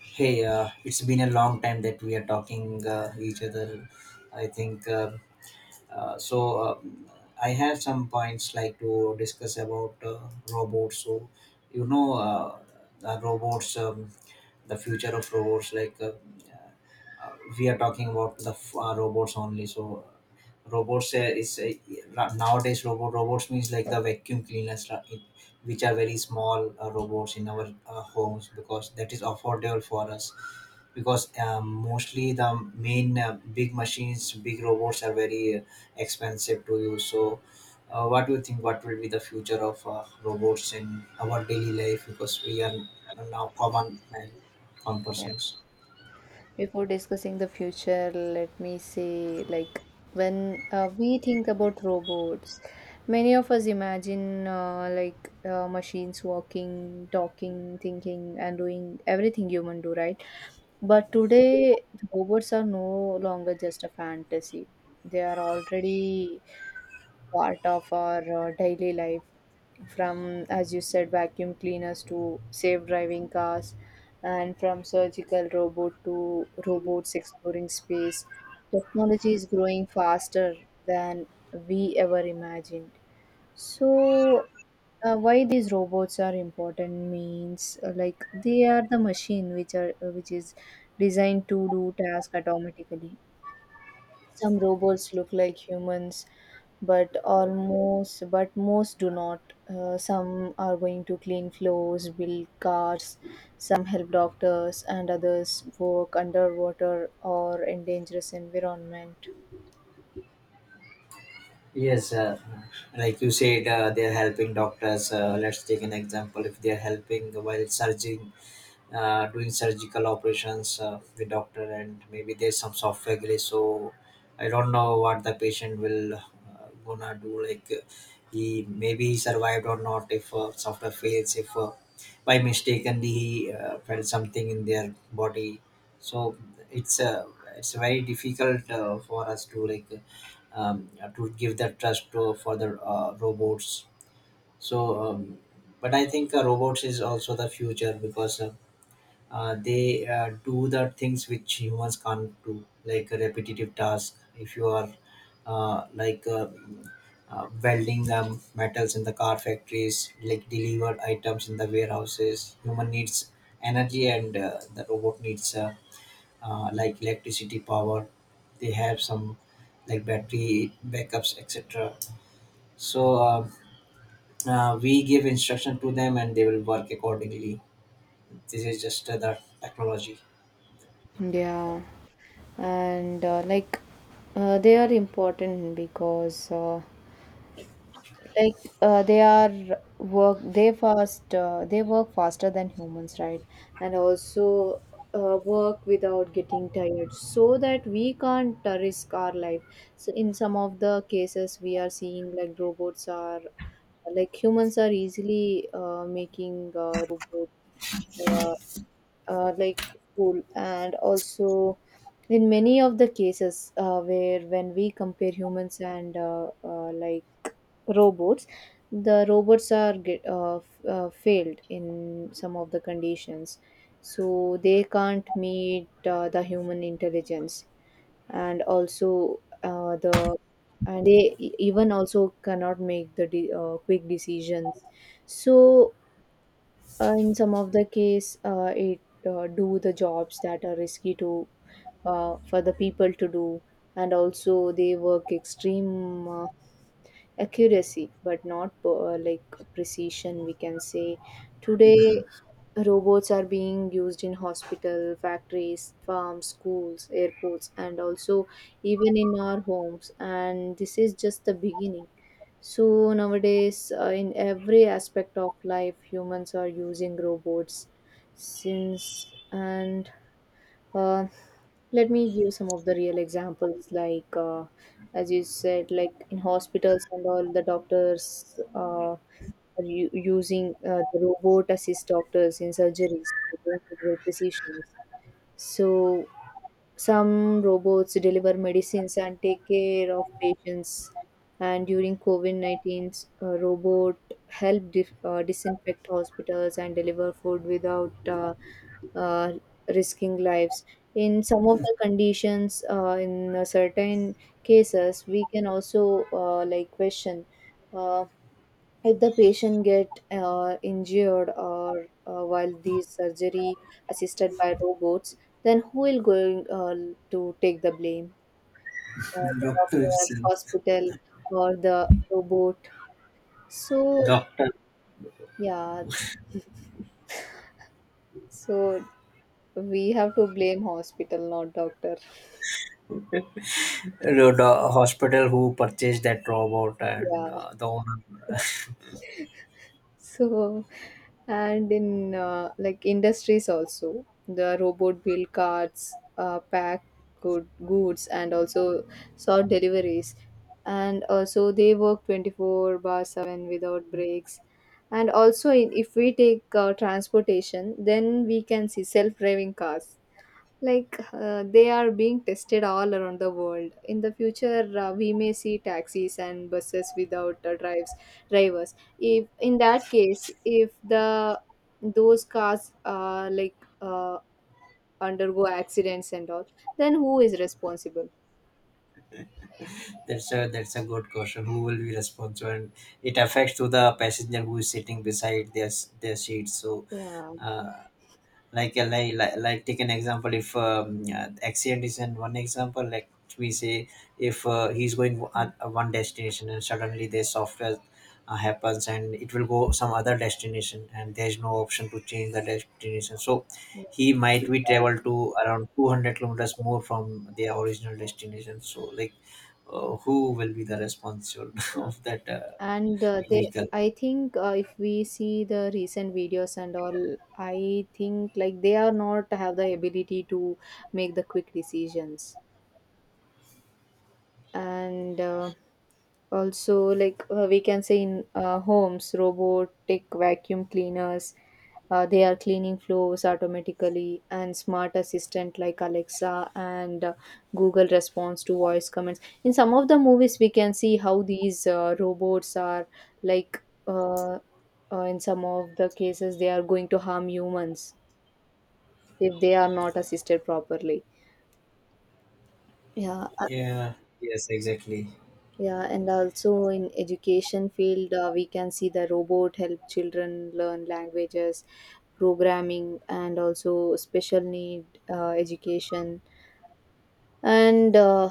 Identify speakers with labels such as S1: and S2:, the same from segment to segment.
S1: Hey, it's been a long time that we are talking each other. I think so. Uh, I have some points like to discuss about robots. So, you know, uh, the robots, the future of robots. Like uh, we are talking about the robots only. So, robots is nowadays robots means like the vacuum cleaners, which are very small robots in our homes, because that is affordable for us, because mostly the main big robots are very expensive to use. So what do you think? What will be the future of robots in our daily life, because we are now common persons?
S2: Before discussing the future, let me say like when we think about robots, many of us imagine like machines walking, talking, thinking, and doing everything human do, right? But today, robots are no longer just a fantasy. They are already part of our daily life, from as you said vacuum cleaners to safe driving cars, and from surgical robot to robots exploring space. Technology is growing faster than we ever imagined. So why these robots are important means, like they are the machine which is designed to do task automatically. Some robots look like humans, but most do not. Some are going to clean floors, build cars, some help doctors, and others work underwater or in dangerous environment.
S1: Yes, like you said, they are helping doctors. Let's take an example. If they are helping while surgery, doing surgical operations with doctor, and maybe there's some software glitch, so I don't know what the patient will gonna do. Like, he maybe he survived or not if software fails, if by mistakenly he felt something in their body. So it's it's very difficult for us to, like, um, to give the trust for the robots. So but I think robots is also the future, because they do the things which humans can't do, like a repetitive task. If you are uh, like uh, welding metals in the car factories, like deliver items in the warehouses. Human needs energy, and the robot needs electricity power. They have some like battery backups, etc. So we give instruction to them and they will work accordingly. This is just the technology.
S2: Yeah, and like they are important because like they work faster than humans, right? And also work without getting tired, so that we can't risk our life. So in some of the cases, we are seeing like robots are like humans are easily making robots, uh, like school, and also in many of the cases where when we compare humans and like robots, the robots are failed in some of the conditions. So they can't meet the human intelligence. And also, they even also cannot make the quick decisions. So in some of the case, it do the jobs that are risky to for the people to do. And also they work extreme accuracy but not like precision, we can say. Today, robots are being used in hospital, factories, farms, schools, airports, and also even in our homes, and this is just the beginning. So nowadays, in every aspect of life, humans are using robots since. And uh, let me give some of the real examples, like as you said, like in hospitals and all, the doctors are using the robot assist doctors in surgeries with incredible precision. So some robots deliver medicines and take care of patients. And during COVID 19, a robot helped disinfect hospitals and deliver food without uh, risking lives. In some of the conditions, in certain cases, we can also like question uh, if the patient get injured or while these surgery assisted by robots, then who will going to take the blame? The
S1: Doctor
S2: doctor,
S1: itself.
S2: hospital, or the robot? So
S1: Doctor.
S2: yeah, yeah, so we have to blame hospital, not doctor.
S1: The hospital who purchased that robot,
S2: Yeah.
S1: and the owner.
S2: So, and in like industries also, the robot build carts, pack goods, and also sort deliveries. And also, they work 24/7 without breaks. And also, if we take transportation, then we can see self driving cars, like they are being tested all around the world. In the future, we may see taxis and buses without drives drivers. If in that case, if the those cars uh, undergo accidents and all, then who is responsible?
S1: That's a good question, who will be responsible? And it affects to the passenger who is sitting beside their their seat, so
S2: Yeah.
S1: uh, like take an example. If accident is in one example, like we say, if he's going
S2: Mm.
S1: at one destination and suddenly the software happens and it will go some other destination, and there's no option to change the destination, so he might be travel to around 200 kilometers more from their original destination. So like, who will be the responsible
S2: Yeah.
S1: of that
S2: And they,
S1: vehicle?
S2: I think if we see the recent videos and all, I think like they are not have the ability to make the quick decisions. And also, like we can say in homes robotic vacuum cleaners, they are cleaning floors automatically, and smart assistant like Alexa and Google response to voice commands. In some of the movies we can see how these robots are, like in some of the cases, they are going to harm humans if they are not assisted properly. Yeah.
S1: Yeah. Yes, exactly.
S2: Yeah, and also in education field, we can see the robot help children learn languages, programming, and also special need education. And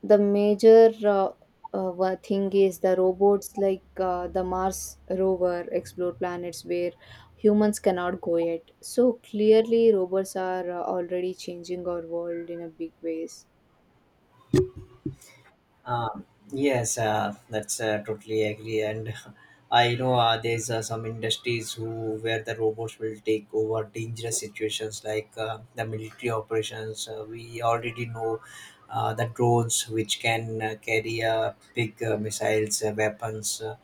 S2: the major one thing is the robots, like the Mars rover explore planets where humans cannot go yet. So clearly, robots are already changing our world in a big ways.
S1: Um, yes, that's totally agree. And I know there's some industries who where the robots will take over dangerous situations, like the military operations. We already know the drones which can carry big missiles, weapons,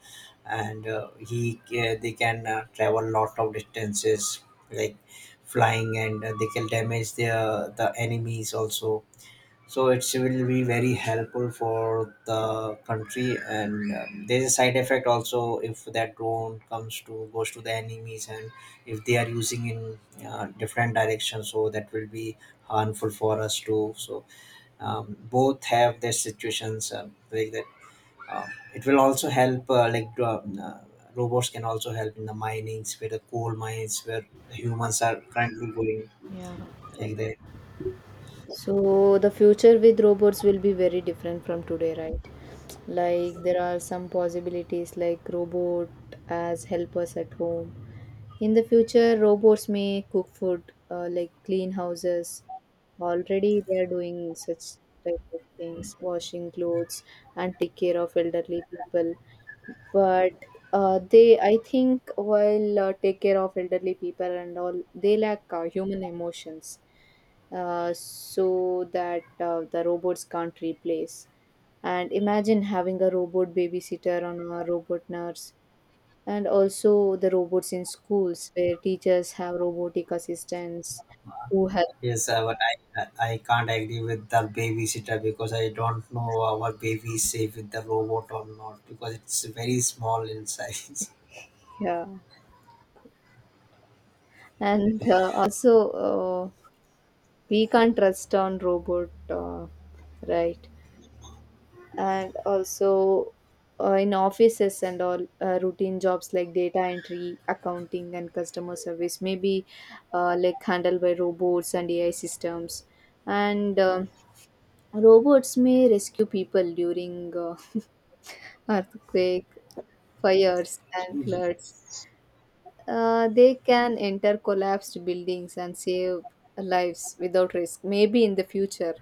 S1: and he they can travel lot of distances, like flying, and they can damage the enemies also. So it will be very helpful for the country. And there's a side effect also, if that drone comes to goes to the enemies, and if they are using in different directions, so that will be harmful for us too. So both have their situations, like that. um, it will also help, robots can also help in the minings, where the coal mines where the humans are currently going,
S2: Yeah.
S1: like that.
S2: So the future with robots will be very different from today, right? Like there are some possibilities, like robot as helpers at home. In the future, robots may cook food, like clean houses. Already they are doing such type of things, washing clothes and take care of elderly people. But they, I think, while take care of elderly people and all, they lack human emotions, so that the robots can't replace. And imagine having a robot babysitter and a robot nurse, and also the robots in schools where teachers have robotic assistants who help.
S1: Yes, but I can't agree with the babysitter, because I don't know our baby is safe with the robot or not, because it's very small in size.
S2: Yeah, and also, we can't trust on robot, right? And also, in offices and all, routine jobs like data entry, accounting, and customer service maybe like handled by robots and AI systems. And robots may rescue people during earthquake, fires, and floods. They can enter collapsed buildings and save lives without risk, maybe in the future,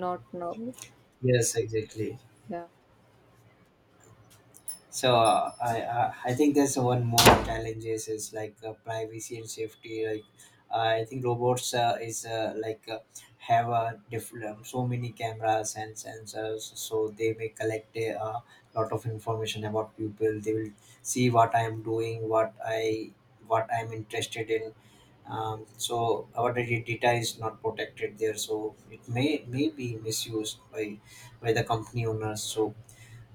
S2: not now.
S1: Yes, exactly.
S2: Yeah.
S1: So I think there's one more challenges, is like privacy and safety. Like, I think robots is, have a different, so many cameras and sensors, so they may collect a lot of information about people. They will see what I am doing, what I'm interested in. So our data is not protected there, so it may be misused by the company owners. So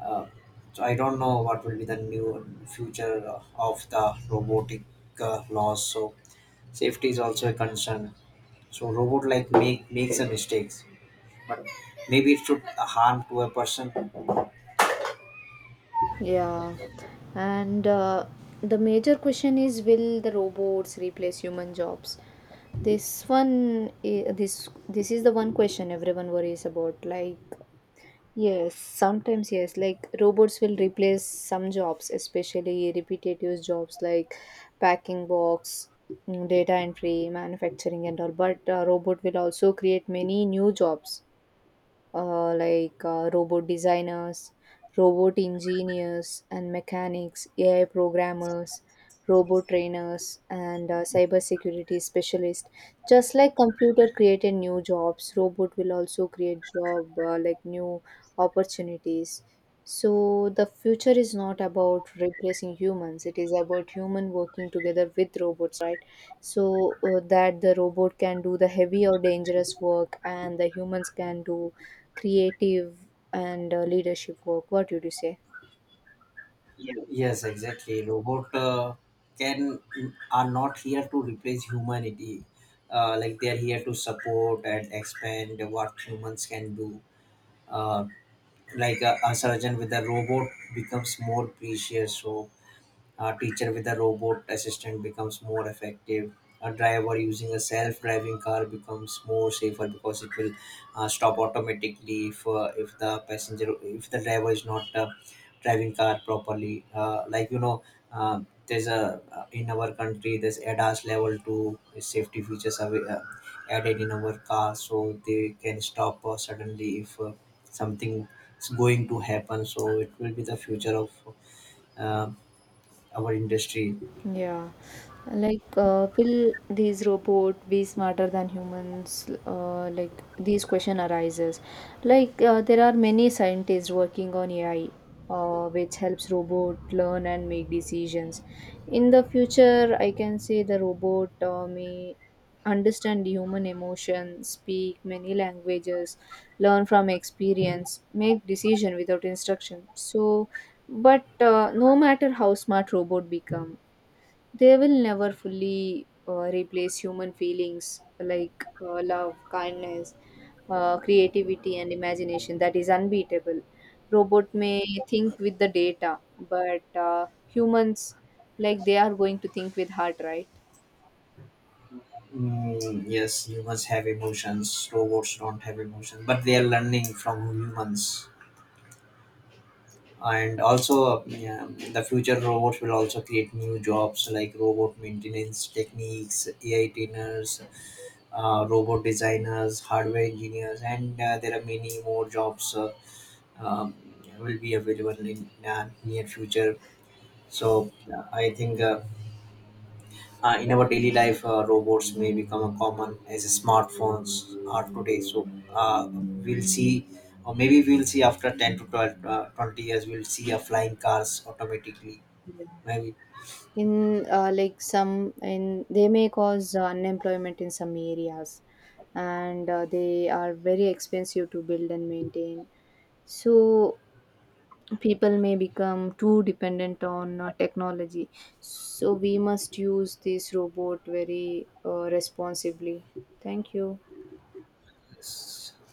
S1: uh, I don't know what will be the new future of the robotic laws. So safety is also a concern. So robot, like, makes a mistakes, but maybe it should harm to a person.
S2: Yeah, and the major question is, will the robots replace human jobs? This one, this is the one question everyone worries about. Like, yes, sometimes yes, like robots will replace some jobs, especially repetitive jobs like packing box, data entry, manufacturing, and all. But robot will also create many new jobs, like robot designers, robot engineers and mechanics, AI programmers, robot trainers, and cybersecurity specialists. Just like computer created new jobs, robot will also create job, like new opportunities. So the future is not about replacing humans, it is about human working together with robots, right? So that the robot can do the heavy or dangerous work and the humans can do creative and leadership work. What would you say?
S1: Yes, exactly. Robot can are not here to replace humanity. Like, they are here to support and expand what humans can do. Uh, like a surgeon with a robot becomes more precious. So a teacher with a robot assistant becomes more effective. A driver using a self-driving car becomes more safer, because it will stop automatically if the passenger if the driver is not driving car properly. Like, uh, there's a in our country there's ADAS level 2 safety features are added in our car, so they can stop suddenly if something is going to happen. So it will be the future of. Uh, our industry.
S2: Yeah, like will these robot be smarter than humans? Like these question arises. Like there are many scientists working on AI, which helps robot learn and make decisions. In the future, I can say the robot may understand human emotion, speak many languages, learn from experience, make decision without instruction. So, but no matter how smart robot become, they will never fully replace human feelings like love, kindness, creativity, and imagination. That is unbeatable. Robot may think with the data, but humans, like they are going to think with heart, right?
S1: Mm, yes, humans have emotions. Robots don't have emotions, but they are learning from humans. And also, yeah, in the future robots will also create new jobs like robot maintenance techniques, AI trainers, robot designers, hardware engineers, and there are many more jobs um, will be available in near future. So I think, in our daily life, robots may become a common as smartphones are today. So we'll see, or maybe we'll see after 10 to 12, 20 years, we'll see a flying cars automatically.
S2: Yeah.
S1: Maybe.
S2: In like some in they may cause unemployment in some areas, and they are very expensive to build and maintain. So people may become too dependent on technology, so we must use this robot very responsibly. Thank you.
S1: Yes.